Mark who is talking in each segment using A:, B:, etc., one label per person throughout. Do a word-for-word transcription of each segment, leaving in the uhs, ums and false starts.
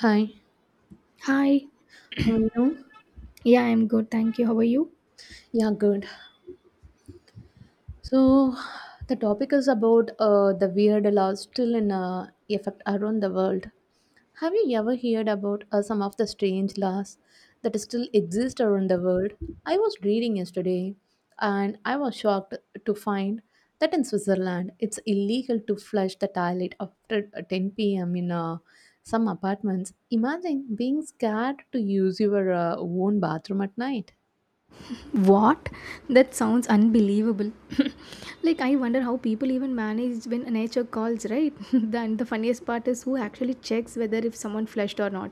A: Hi,
B: Hi.
A: how are you?
B: Yeah, I'm good. Thank you. How are you?
A: Yeah, good. So, the topic is about uh, the weird laws still in uh, effect around the world. Have you ever heard about uh, some of the strange laws that still exist around the world? I was reading yesterday and I was shocked to find that in Switzerland it's illegal to flush the toilet after uh, ten p m in uh, some apartments. Imagine being scared to use your uh, own bathroom at night.
B: What? That sounds unbelievable. Like I wonder how people even manage when nature calls, right? Then the funniest part is who actually checks whether if someone flushed or not.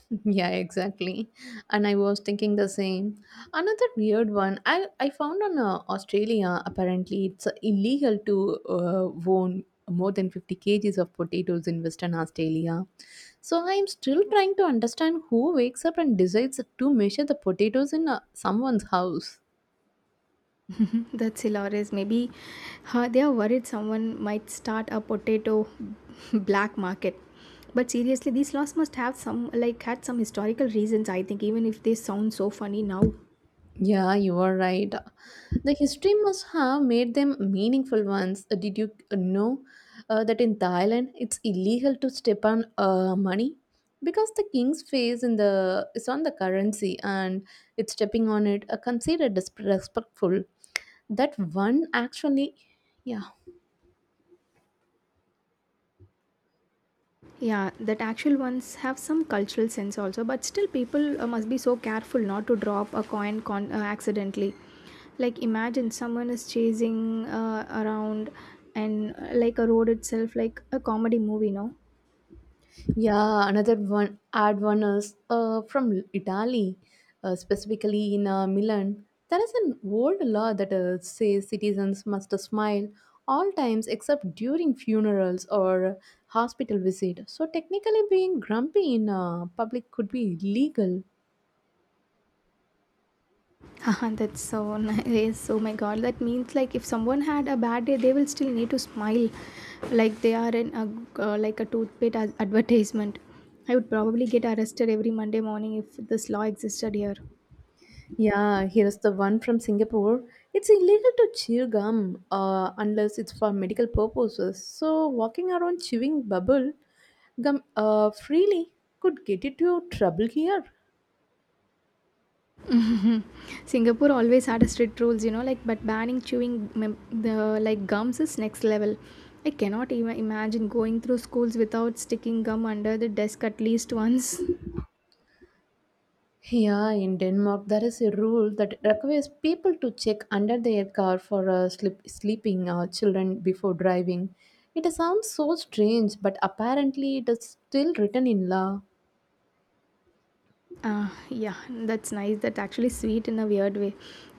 A: Yeah, exactly. And I was thinking the same. Another weird one I, I found on uh, Australia, apparently, it's uh, illegal to uh, own more than fifty kgs of potatoes in Western Australia. So I am still trying to understand who wakes up and decides to measure the potatoes in uh, someone's house.
B: That's hilarious. Maybe uh, they are worried someone might start a potato black market. But seriously, these laws must have some like had some historical reasons. I think even if they sound so funny now.
A: Yeah, you are right. The history must have made them meaningful ones. Uh, Did you uh, know uh, that in Thailand it's illegal to step on uh, money because the king's face in the is on the currency and it's stepping on it are considered disrespectful. That one actually, yeah.
B: Yeah, that actual ones have some cultural sense also, but still people uh, must be so careful not to drop a coin con- uh, accidentally. Like imagine someone is chasing uh, around and uh, like a road itself, like a comedy movie, no?
A: Yeah, another one add one is uh, from Italy, uh, specifically in uh, Milan. There is an old law that uh, says citizens must smile all times except during funerals or hospital visit. So technically, being grumpy in uh, public could be illegal.
B: Haha, that's so nice. Oh my god, that means like if someone had a bad day, they will still need to smile, like they are in a uh, like a toothpaste ad- advertisement. I would probably get arrested every Monday morning if this law existed here.
A: Yeah, here's the one from Singapore. It's illegal to chew gum uh, unless it's for medical purposes. So, walking around chewing bubble gum uh, freely could get into trouble here.
B: Singapore always had a strict rules, you know, like but banning chewing mem- the like gums is next level. I cannot even imagine going through schools without sticking gum under the desk at least once.
A: Yeah, in Denmark, there is a rule that requires people to check under their car for uh, sleep, sleeping uh, children before driving. It sounds so strange, but apparently, it is still written in law.
B: Uh, yeah, that's nice. That's actually sweet in a weird way,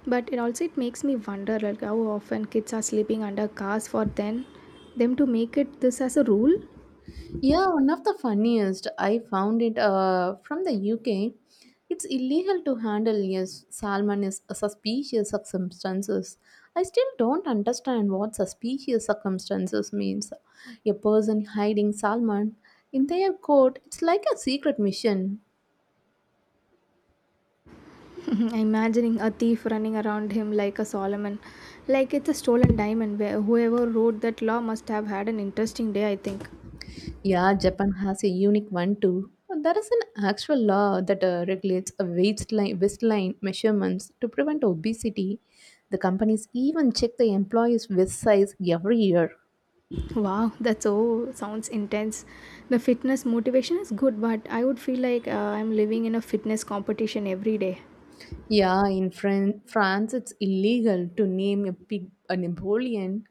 B: but it also it makes me wonder like how often kids are sleeping under cars for then them to make it this as a rule.
A: Yeah, one of the funniest I found it uh, from the U K. It's illegal to handle yes, salmon is a suspicious circumstances. I still don't understand what suspicious circumstances means. A person hiding salmon in their court, it's like a secret mission.
B: Mhm, imagining a thief running around him like a Solomon, like it's a stolen diamond. Where whoever wrote that law must have had an interesting day, I think.
A: Yeah, Japan has a unique one too. There is an actual law that uh, regulates a waistline, waistline measurements to prevent obesity. The companies even check the employees' waist size every year.
B: Wow, that's so sounds intense. The fitness motivation is good, but I would feel like uh, I'm living in a fitness competition every day.
A: Yeah, in Fran- France, it's illegal to name a pig a Napoleon.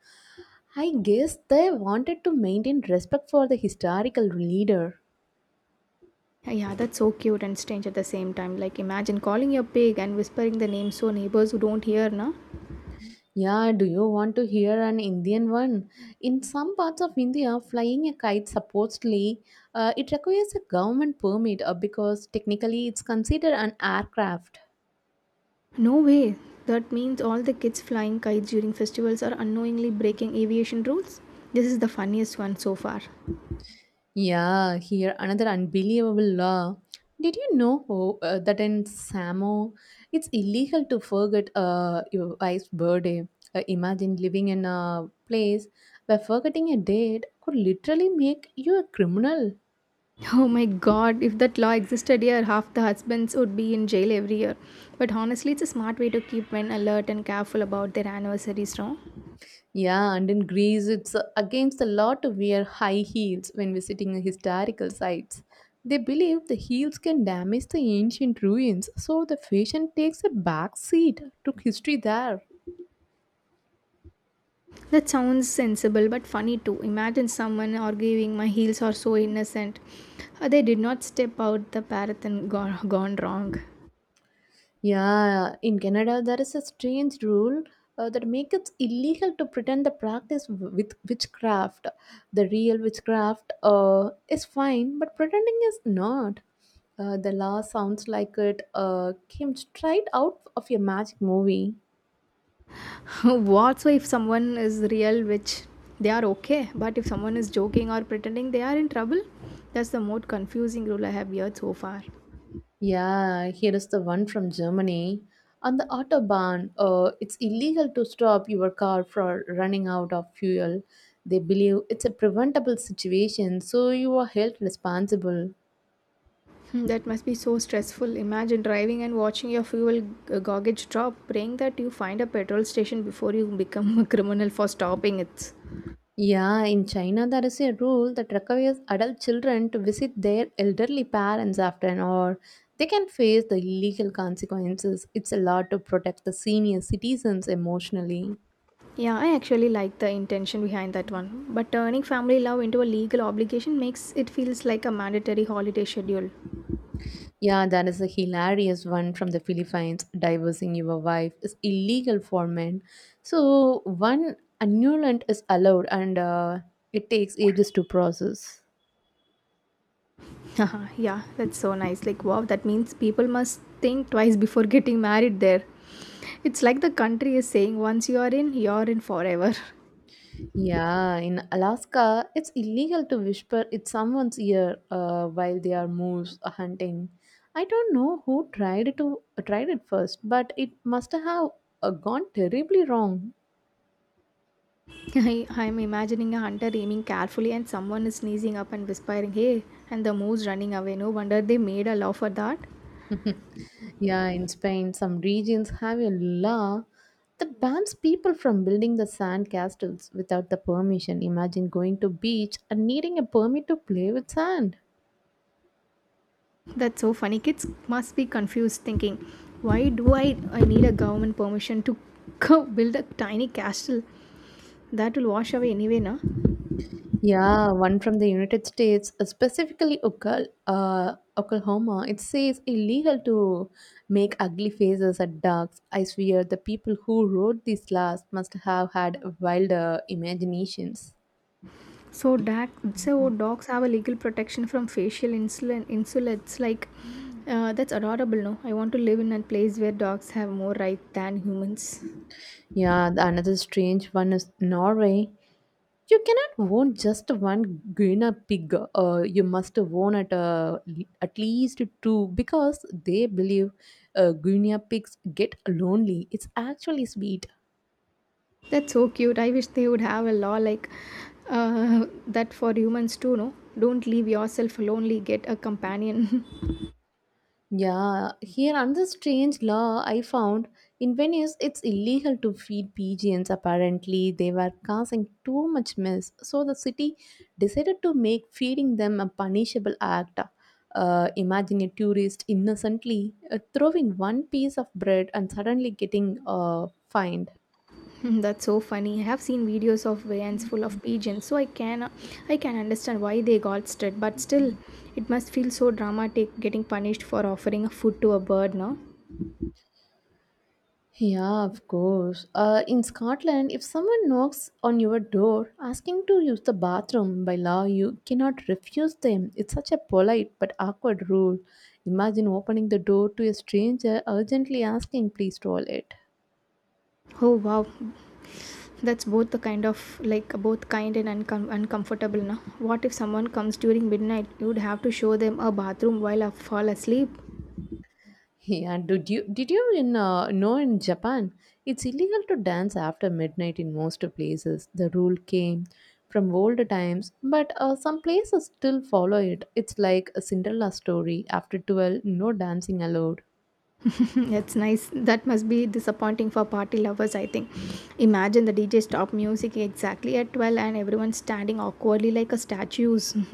A: I guess they wanted to maintain respect for the historical leader.
B: Yeah, that's so cute and strange at the same time. Like, imagine calling your pig and whispering the name so neighbors who don't hear, na?
A: Yeah, do you want to hear an Indian one? In some parts of India, flying a kite supposedly uh, it requires a government permit uh, because technically it's considered an aircraft.
B: No way! That means all the kids flying kites during festivals are unknowingly breaking aviation rules? This is the funniest one so far.
A: Yeah, here another unbelievable law. Did you know oh, uh, that in Samo it's illegal to forget uh, your wife's birthday? Uh, imagine living in a place where forgetting a date could literally make you a criminal.
B: Oh my god, if that law existed here, half the husbands would be in jail every year. But honestly, it's a smart way to keep men alert and careful about their anniversaries, no?
A: Yeah, and in Greece, it's uh, against the law to wear high heels when visiting historical sites. They believe the heels can damage the ancient ruins, so the fashion takes a back seat to history there.
B: That sounds sensible but funny too. Imagine someone arguing, my heels are so innocent. Uh, They did not step out the path and gone, gone wrong.
A: Yeah, in Canada, there is a strange rule uh, that makes it illegal to pretend the practice w- with witchcraft. The real witchcraft uh, is fine, but pretending is not. Uh, the law sounds like it uh, came straight out of a magic movie.
B: What so if someone is real which they are okay but if someone is joking or pretending they are in trouble, that's the most confusing rule I have heard so far. Hmm,
A: Yeah, here is the one from Germany. On the Autobahn, uh, it's illegal to stop your car for running out of fuel. They believe it's a preventable situation, so you are held responsible.
B: that must be so stressful. Imagine driving and watching your fuel g- gauge drop, praying that you find a petrol station before you become a criminal for stopping it.
A: Yeah, in China, there is a rule that requires adult children to visit their elderly parents after an hour. They can face the illegal consequences. It's a law to protect the senior citizens emotionally.
B: Yeah, I actually like the intention behind that one, but turning family love into a legal obligation makes it feels like a mandatory holiday schedule.
A: Yeah, that is a hilarious one from the Philippines. Divorcing your wife is illegal for men. So, one annulant is allowed and uh, it takes ages to process.
B: Haha, yeah, that's so nice. Like, wow, that means people must think twice before getting married there. It's like the country is saying once you are in, you're in forever.
A: Yeah, in Alaska, it's illegal to whisper in someone's ear uh, while they are moose hunting. I don't know who tried to tried it first, but it must have uh, gone terribly wrong.
B: I, I'm imagining a hunter aiming carefully and someone is sneezing up and whispering, hey, and the moose running away. No wonder they made a law for that.
A: Yeah, in Spain, some regions have a law that bans people from building the sand castles without the permission. Imagine going to beach and needing a permit to play with sand.
B: That's so funny. Kids must be confused thinking, why do I, I need a government permission to go build a tiny castle? That will wash away anyway, no?
A: Yeah, one from the United States, uh, specifically Oka- uh, Oklahoma. It says illegal to make ugly faces at ducks. I swear the people who wrote these laws must have had wilder imaginations.
B: So, doc, so dogs have a legal protection from facial insulin insults. Like, uh, that's adorable. No, I want to live in a place where dogs have more rights than humans.
A: Yeah, the another strange one is Norway. You cannot own just one guinea pig. Uh, you must own at, uh, at least two because they believe uh, guinea pigs get lonely. It's actually sweet.
B: That's so cute. I wish they would have a law like uh, that for humans too. No, don't leave yourself lonely. Get a companion.
A: Yeah, here another strange law I found in Venice it's illegal to feed pigeons. Apparently, they were causing too much mess, so the city decided to make feeding them a punishable act. Uh, imagine a tourist innocently uh, throwing one piece of bread and suddenly getting uh, fined.
B: That's so funny. I have seen videos of vans full of pigeons, so I can I can understand why they got stuck. But still, it must feel so dramatic getting punished for offering a food to a bird. No.
A: Yeah, of course. Uh, in Scotland, if someone knocks on your door asking to use the bathroom, by law you cannot refuse them. It's such a polite but awkward rule. Imagine opening the door to a stranger urgently asking, please toilet.
B: Oh wow, that's both the kind of like both kind and uncom- uncomfortable. Now, what if someone comes during midnight? You'd have to show them a bathroom while I fall asleep.
A: Yeah, did you did you in uh, know in Japan it's illegal to dance after midnight in most places. The rule came from old times, but uh, some places still follow it. It's like a Cinderella story. After twelve, no dancing allowed.
B: That's nice. That must be disappointing for party lovers, I think. Imagine the D J stop music exactly at twelve and everyone standing awkwardly like a statues.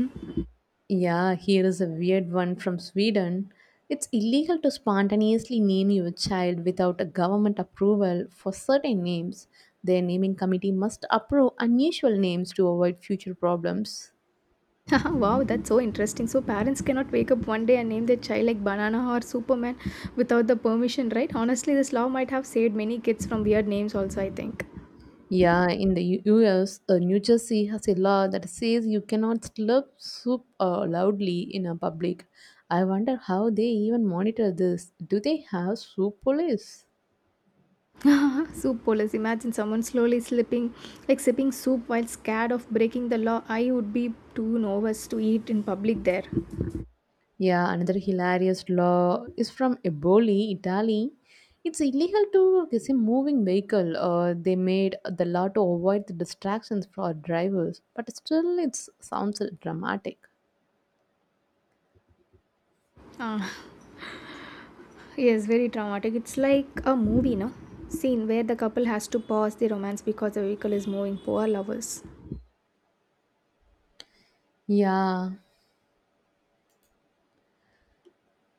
A: Yeah, here is a weird one from Sweden. It's illegal to spontaneously name your child without a government approval for certain names. Their naming committee must approve unusual names to avoid future problems.
B: Wow, that's so interesting. So parents cannot wake up one day and name their child like Banana or Superman without the permission, right? Honestly, this law might have saved many kids from weird names also, I think.
A: Yeah, in the U- US, uh, New Jersey has a law that says you cannot slurp soup uh, loudly in a public. I wonder how they even monitor this. Do they have soup police?
B: Soup police. Imagine someone slowly slipping, like sipping soup while scared of breaking the law. I would be too nervous to eat in public there.
A: Yeah, another hilarious law is from Eboli, Italy. It's illegal to say moving vehicle. Uh, they made the law to avoid the distractions for drivers, but still, it sounds dramatic.
B: Ah, yes, very traumatic. It's like a movie, no? Scene where the couple has to pause the romance because the vehicle is moving. Poor lovers.
A: Yeah,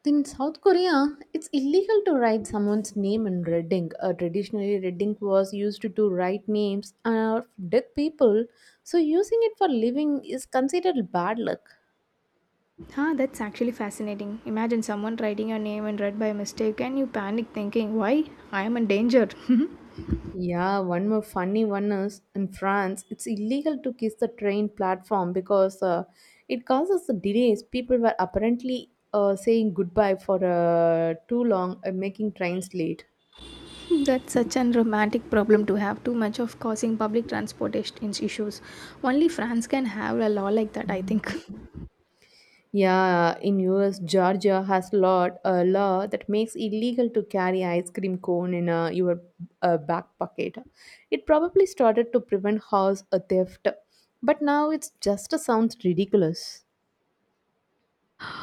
A: in South Korea, it's illegal to write someone's name in red ink. Uh, traditionally, red ink was used to write names uh, of dead people, so using it for living is considered bad luck.
B: Huh, that's actually fascinating. Imagine someone writing your name and read by mistake, and you panic thinking, why? I am in danger.
A: Yeah, one more funny one is in France, it's illegal to kiss the train platform because uh, it causes the delays. People were apparently uh, saying goodbye for uh, too long, uh, making trains late.
B: That's such an romantic problem to have, too much of causing public transportation issues. Only France can have a law like that, I think.
A: Yeah, in U S, Georgia has lot a law that makes illegal to carry ice cream cone in uh, your uh, back pocket. It probably started to prevent house uh, theft, but now it's just sounds ridiculous.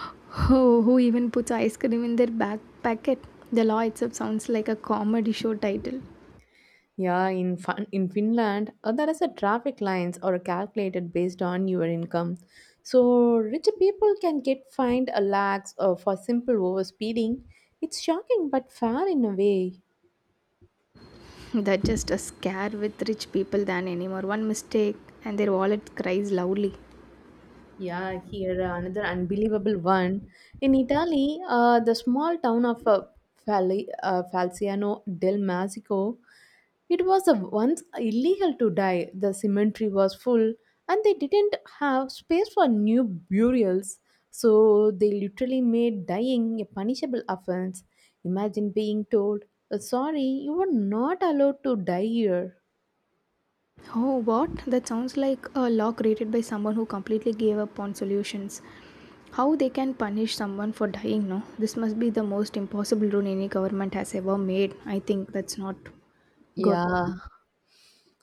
B: Oh, who even puts ice cream in their back packet? The law itself sounds like a comedy show title.
A: Yeah, in fin- in Finland, uh, there is a traffic lines are calculated based on your income. So rich people can get fined a lakhs uh, for simple over speeding. It's shocking but fair in a way.
B: That's just a scare with rich people than anymore. One mistake, and their wallet cries loudly.
A: Yeah, here uh, another unbelievable one. In Italy, uh, the small town of uh, Fali- uh, Falciano del Masico, it was uh, once illegal to die. The cemetery was full, and they didn't have space for new burials, so they literally made dying a punishable offense. Imagine being told, uh, "Sorry, you were not allowed to die here."
B: Oh, what? That sounds like a law created by someone who completely gave up on solutions. How they can punish someone for dying, no? This must be the most impossible rule any government has ever made. I think that's not good.
A: Yeah.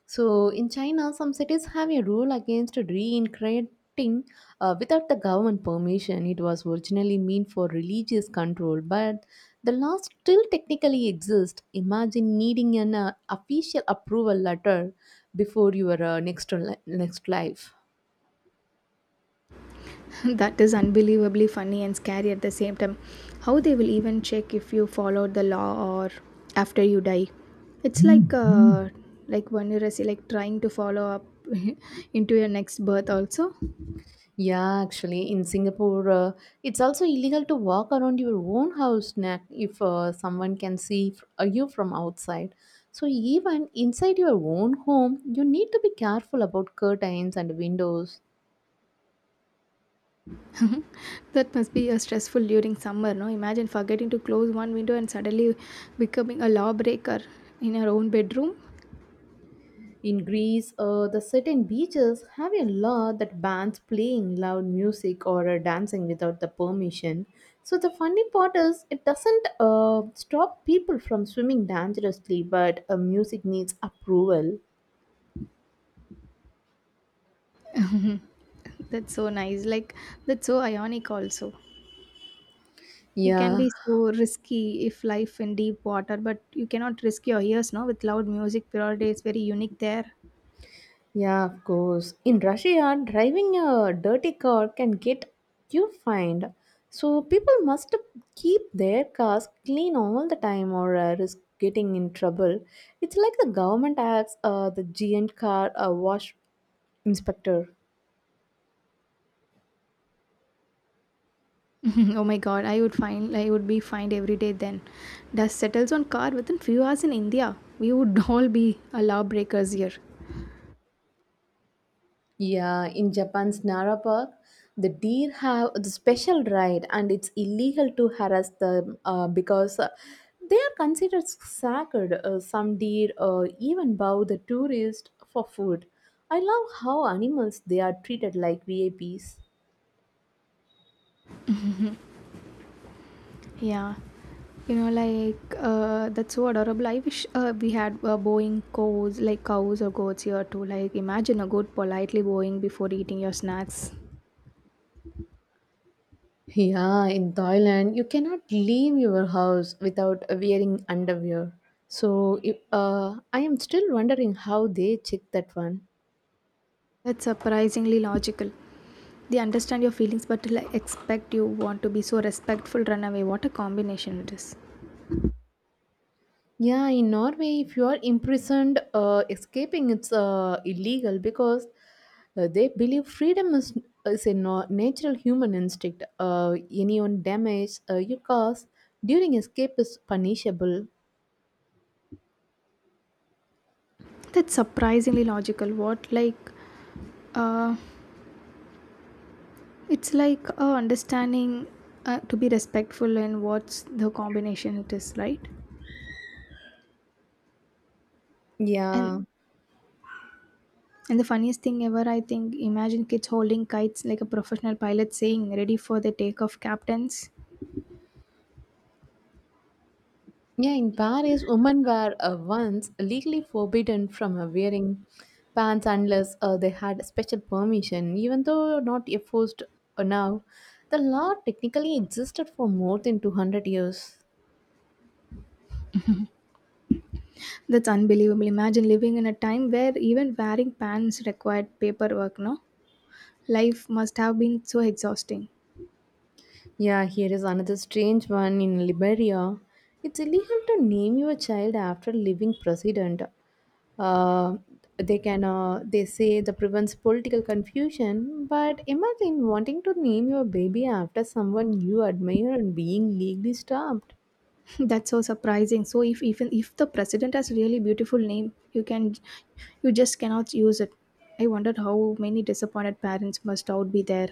A: So in China, some cities have a rule against reincarnating uh, without the government permission. It was originally meant for religious control, but the law still technically exists. Imagine needing an uh, official approval letter before your uh, next li- next life.
B: That is unbelievably funny and scary at the same time. How they will even check if you followed the law or after you die. It's like uh, like Vanirasi, like trying to follow up into your next birth also.
A: Yeah, actually, in Singapore, uh, it's also illegal to walk around your own house na- if uh, someone can see f- uh, you from outside. So, even inside your own home, you need to be careful about curtains and windows.
B: Mhm. That must be a stressful during summer, no? Imagine forgetting to close one window and suddenly becoming a lawbreaker in your own bedroom.
A: In Greece, uh, the certain beaches have a law that bans playing loud music or uh, dancing without the permission. So, the funny part is, it doesn't uh, stop people from swimming dangerously, but uh, music needs approval.
B: Mhm. That's so nice. Like that's so ionic also. You can
A: Yeah,
B: be so risky if life in deep water, but you cannot risk your ears, no? With loud music, purity is very unique there.
A: Yeah, of course. In Russia, driving a dirty car can get you fined. So people must keep their cars clean all the time or uh, risk getting in trouble. It's like the government acts uh, the giant car uh, wash inspector.
B: Oh my god, I would find I would be fined every day then. Dust settles on car within few hours in India. We would all be a lawbreakers here.
A: Yeah, in Japan's Nara Park, the deer have the special right, and it's illegal to harass them uh, because uh, they are considered sacred. Uh, some deer uh, even bow the tourist for food. I love how animals they are treated like V I Ps.
B: Yeah, you know, like uh, that's so adorable. I wish uh, we had uh, bowing cows, like cows or goats here too. Like, imagine a goat politely bowing before eating your snacks.
A: Yeah, in Thailand, you cannot leave your house without wearing underwear. So, if- uh, I am still wondering how they check that one.
B: That's surprisingly logical. They understand your feelings, but like, expect you want to be so respectful, run away. What a combination it is.
A: Yeah, in Norway, if you are imprisoned, uh, escaping it's uh, illegal because uh, they believe freedom is is a no- natural human instinct. Uh, any on damage uh, you cause during escape is punishable.
B: That's surprisingly logical. What like, uh, it's like uh, understanding uh, to be respectful and what's the combination it is, right?
A: Yeah,
B: And And the funniest thing ever, I think, imagine kids holding kites like a professional pilot saying, ready for the takeoff, captains.
A: yeah. In Paris, women were uh, once legally forbidden from uh, wearing pants unless uh, they had special permission. Even though not enforced uh, now, the law technically existed for more than two hundred years.
B: That's unbelievable. Imagine living in a time where even wearing pants required paperwork, no? Life must have been so exhausting.
A: Yeah, here is another strange one in Liberia. It's illegal to name your child after living president. Uh, they can uh, they say that prevents political confusion, but imagine wanting to name your baby after someone you admire and being legally stopped.
B: That's so surprising. So if even if the president has really beautiful name, you can you just cannot use it. I wondered how many disappointed parents must out be there.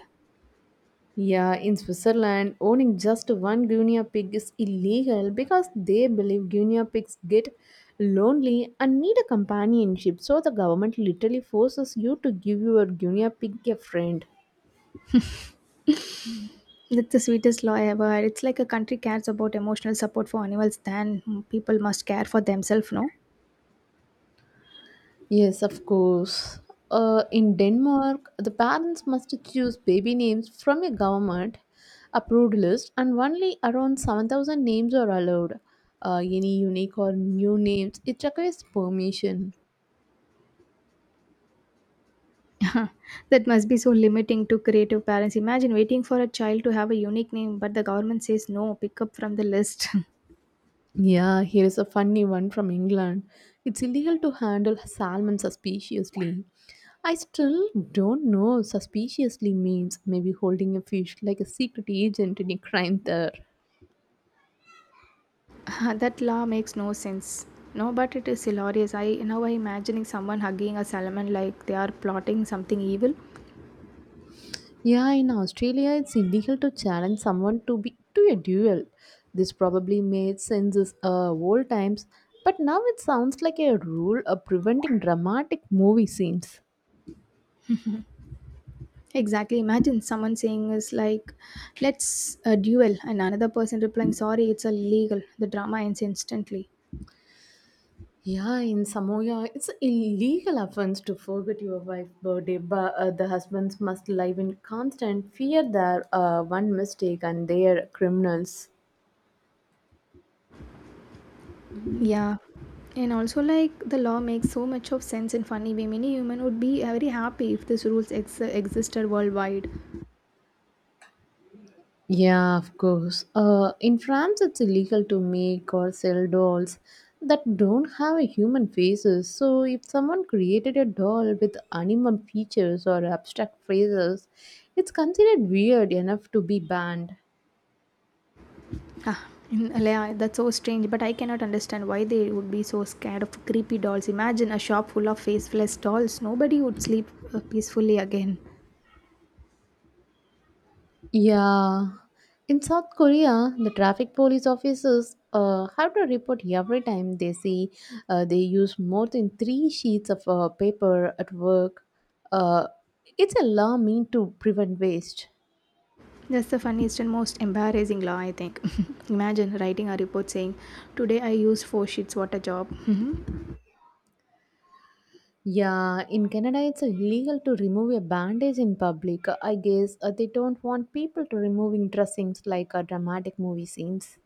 A: Yeah, in Switzerland, owning just one guinea pig is illegal because they believe guinea pigs get lonely and need a companionship. So the government literally forces you to give your guinea pig a friend.
B: That's the sweetest law ever. It's like a country cares about emotional support for animals, than people must care for themselves, no?
A: Yes, of course. Uh, in Denmark, the parents must choose baby names from a government approved list, and only around seven thousand names are allowed. Uh, any unique or new names, it requires permission.
B: That must be so limiting to creative parents. Imagine waiting for a child to have a unique name, but the government says no, pick up from the list.
A: Yeah, here is a funny one from England. It's illegal to handle salmon suspiciously. I still don't know suspiciously means maybe holding a fish like a secret agent in a crime there.
B: That law makes no sense. No, but it is hilarious. I now i imagining someone hugging a salmon like they are plotting something evil.
A: Yeah, in Australia, it's illegal to challenge someone to be to a duel. This probably made sense uh, old times, but now it sounds like a rule of preventing dramatic movie scenes.
B: Exactly. Imagine someone saying is like, "Let's uh, duel," and another person replying, "Sorry, it's illegal." The drama ends instantly.
A: Yeah, in Samoa, it's illegal offense to forget your wife's birthday, but uh, the husbands must live in constant fear that uh, one mistake and they are criminals.
B: Yeah. And also like the law makes so much of sense in funny way. Many human would be uh, very happy if these rules ex- existed worldwide.
A: Yeah, of course. Uh, in France, it's illegal to make or sell dolls that don't have a human faces. So, if someone created a doll with animal features or abstract phrases, it's considered weird enough to be banned.
B: Ah, in- yeah, that's so strange, but I cannot understand why they would be so scared of creepy dolls. Imagine a shop full of faceless dolls. Nobody would sleep uh, peacefully again.
A: Yeah. In South Korea, the traffic police officers uh, have to report every time they see uh, they use more than three sheets of uh, paper at work. Uh, it's a law meant to prevent waste.
B: That's the funniest and most embarrassing law, I think. Imagine writing a report saying, today I used four sheets, what a job.
A: Yeah, in Canada, it's illegal to remove a bandage in public. I guess uh, they don't want people to removing dressings like uh, dramatic movie scenes.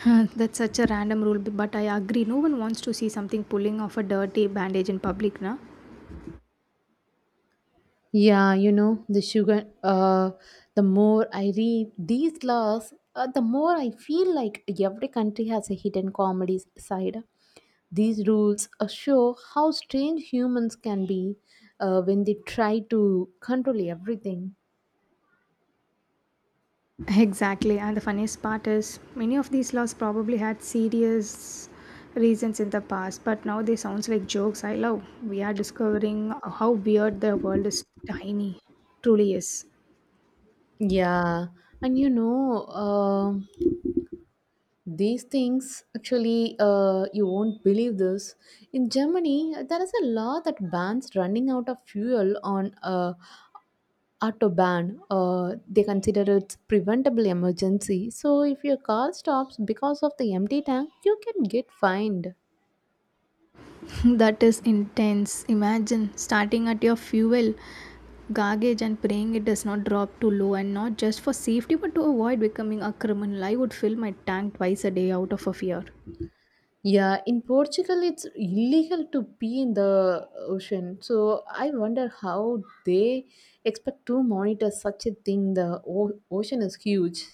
B: Huh, that's such a random rule, but I agree. No one wants to see something pulling off a dirty bandage in public, na?
A: Yeah, you know, the sugar, uh, the more I read these laws, uh, the more I feel like every country has a hidden comedy side. These rules uh, show how strange humans can be uh, when they try to control everything.
B: Exactly. And the funniest part is, many of these laws probably had serious reasons in the past, but now they sounds like jokes. I love. We are discovering how weird the world is tiny. Truly is.
A: Yeah, and you know, um these things actually, uh, you won't believe this. In Germany, there is a law that bans running out of fuel on uh, autobahn, uh, they consider it preventable emergency. So if your car stops because of the empty tank, you can get fined.
B: That is intense. Imagine starting at your fuel garbage and praying it does not drop too low and not just for safety but to avoid becoming a criminal. I would fill my tank twice a day out of a fear.
A: Yeah, in Portugal, it's illegal to pee in the ocean. So I wonder how they expect to monitor such a thing. The o- ocean is huge.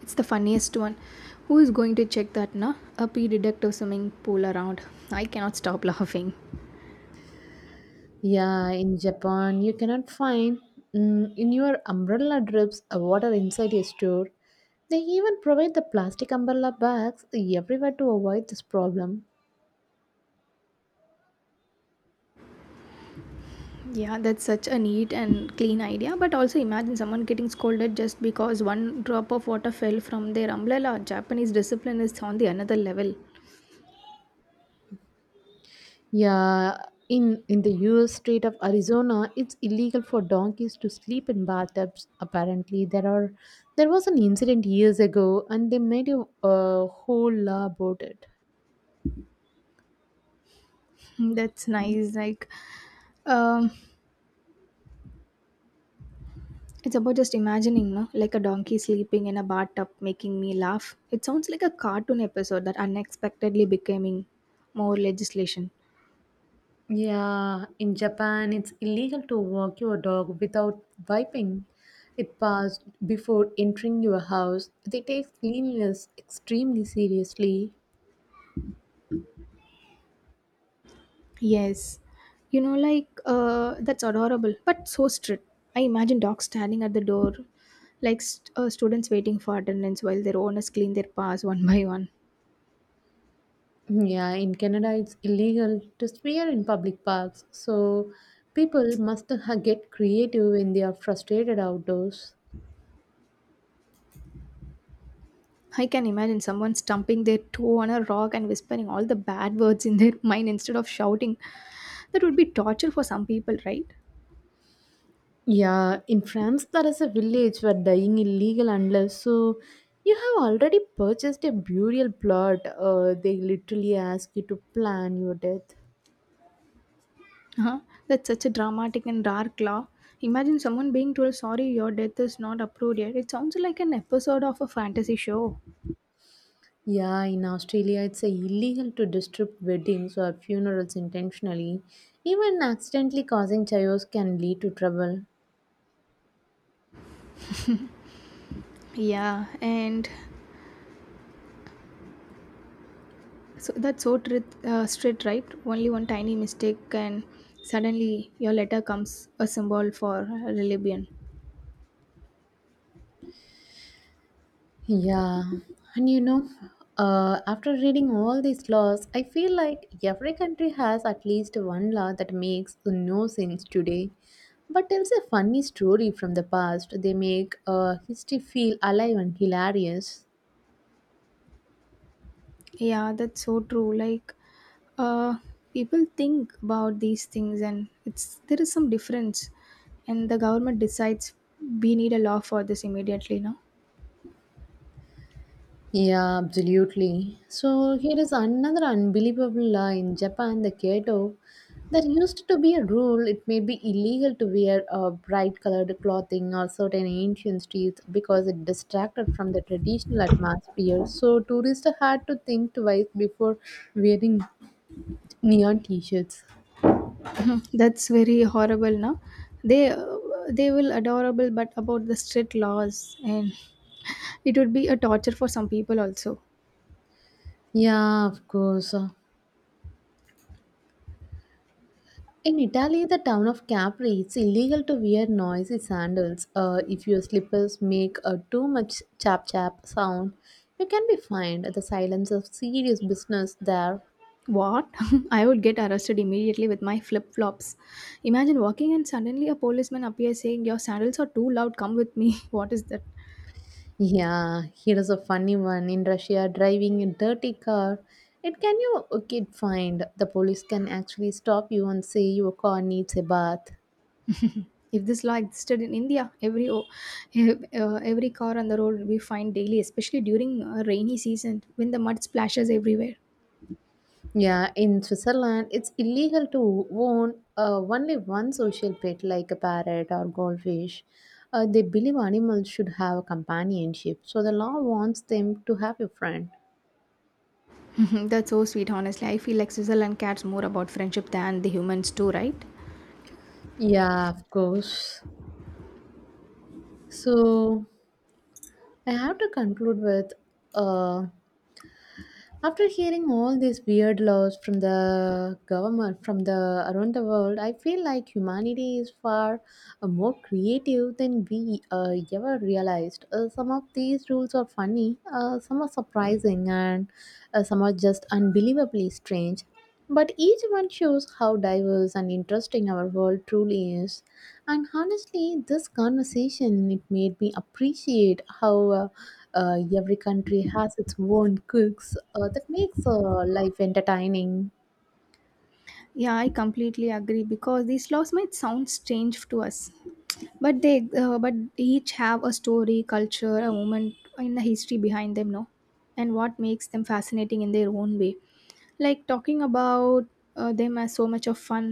B: It's the funniest one. Who is going to check that, na? A pee detective swimming pool around. I cannot stop laughing.
A: Yeah, in Japan, you cannot find mm, in your umbrella drips uh, water inside a store. They even provide the plastic umbrella bags everywhere to avoid this problem.
B: Yeah, that's such a neat and clean idea. But also imagine someone getting scolded just because one drop of water fell from their umbrella. Japanese discipline is on the another level.
A: Yeah, in in the U S state of Arizona, it's illegal for donkeys to sleep in bathtubs. Apparently, there are there was an incident years ago, and they made a, a whole law about it.
B: That's nice. Like, um, it's about just imagining, no? Like a donkey sleeping in a bathtub, making me laugh. It sounds like a cartoon episode that unexpectedly becoming more legislation.
A: Yeah, in Japan, it's illegal to walk your dog without wiping it past before entering your house. They take cleanliness extremely seriously.
B: Yes, you know, like uh, that's adorable, but so strict. I imagine dogs standing at the door, like st- uh, students waiting for attendance while their owners clean their paws one by one.
A: Yeah, in Canada, it's illegal to swear in public parks, so people must ha- get creative when they are frustrated outdoors.
B: I can imagine someone stumping their toe on a rock and whispering all the bad words in their mind instead of shouting. That would be torture for some people, right?
A: Yeah, in France, there is a village where dying illegal unless so you have already purchased a burial plot. Uh, they literally ask you to plan your death.
B: Huh? That's such a dramatic and dark law. Imagine someone being told, sorry, your death is not approved yet. It sounds like an episode of a fantasy show.
A: Yeah, in Australia, it's uh, illegal to disrupt weddings or funerals intentionally. Even accidentally causing chaos can lead to trouble.
B: Yeah, and so that's so tr- uh, straight, right? Only one tiny mistake, and suddenly your letter comes a symbol for rebellion.
A: Yeah, and you know, uh, after reading all these laws, I feel like every country has at least one law that makes no sense today, but tells a funny story from the past. They make uh, history feel alive and hilarious.
B: Yeah, that's so true. Like, uh, people think about these things, and it's there is some difference, and the government decides we need a law for this immediately. No.
A: Yeah, absolutely. So here is another unbelievable law in Japan, the Kyoto. There used to be a rule it may be illegal to wear uh, bright colored clothing or certain ancient streets because it distracted from the traditional atmosphere. So tourists had to think twice before wearing neon t-shirts.
B: Mhm. That's very horrible. No, they uh, they will adorable, but about the strict laws, and it would be a torture for some people also.
A: Yeah, of course. In Italy, the town of Capri, it's illegal to wear noisy sandals. Uh, if your slippers make a too much chap chap sound, you can be fined. The silence of serious business there.
B: What? I would get arrested immediately with my flip flops. Imagine walking and suddenly a policeman appears saying, your sandals are too loud, come with me. What is that?
A: Yeah, here is a funny one. In Russia, driving a dirty car, it can you uh, get fined. The police can actually stop you and say your car needs a bath.
B: If this law existed in India, every o- uh, every car on the road we find daily, especially during uh, rainy season when the mud splashes everywhere.
A: Yeah, in Switzerland, it's illegal to own uh, only one social pet like a parrot or goldfish. Uh, they believe animals should have a companionship, so the law wants them to have a friend.
B: That's so sweet, honestly. I feel like Switzerland cares more about friendship than the humans do, right?
A: Yeah, of course. So I have to conclude with uh, after hearing all these weird laws from the government from the around the world, I feel like humanity is far uh, more creative than we uh, ever realized. Uh, some of these rules are funny, uh, some are surprising, and uh, some are just unbelievably strange. But each one shows how diverse and interesting our world truly is. And honestly, this conversation it made me appreciate how uh, uh, every country has its own cooks uh, that makes uh, life entertaining.
B: Yeah, I completely agree because these laws might sound strange to us, but they, uh, but each have a story, culture, a moment in the history behind them, no, and what makes them fascinating in their own way. Like talking about uh, them as so much of fun,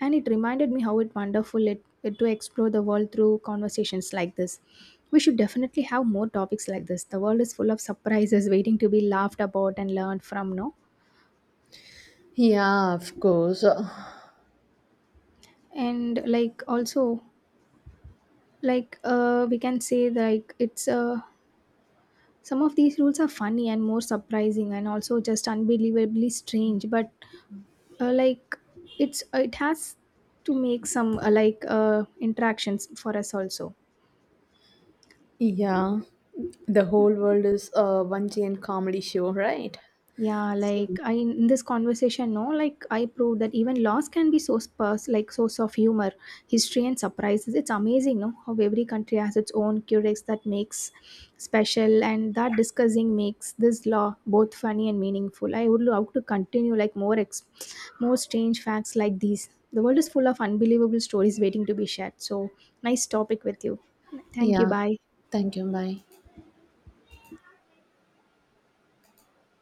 B: and it reminded me how it wonderful it, it to explore the world through conversations like this. We should definitely have more topics like this. The world is full of surprises waiting to be laughed about and learned from, no,
A: Yeah, of course.
B: and like also like uh, we can say like it's a. Some of these rules are funny and more surprising and also just unbelievably strange, but uh, like it's it has to make some uh, like uh, interactions for us also.
A: Yeah, the whole world is a one giant comedy show, right?
B: Yeah,
A: So
B: like I in this conversation, no, like I proved that even loss can be source pers- like source of humor, history and surprises. It's amazing, no, how every country has its own curious that makes special, and that discussing makes this law both funny and meaningful. I would love to continue like more ex- more strange facts like these. The world is full of unbelievable stories waiting to be shared, so nice topic with you. Thank you.
A: yeah,
B: Bye.
A: thank you. Bye.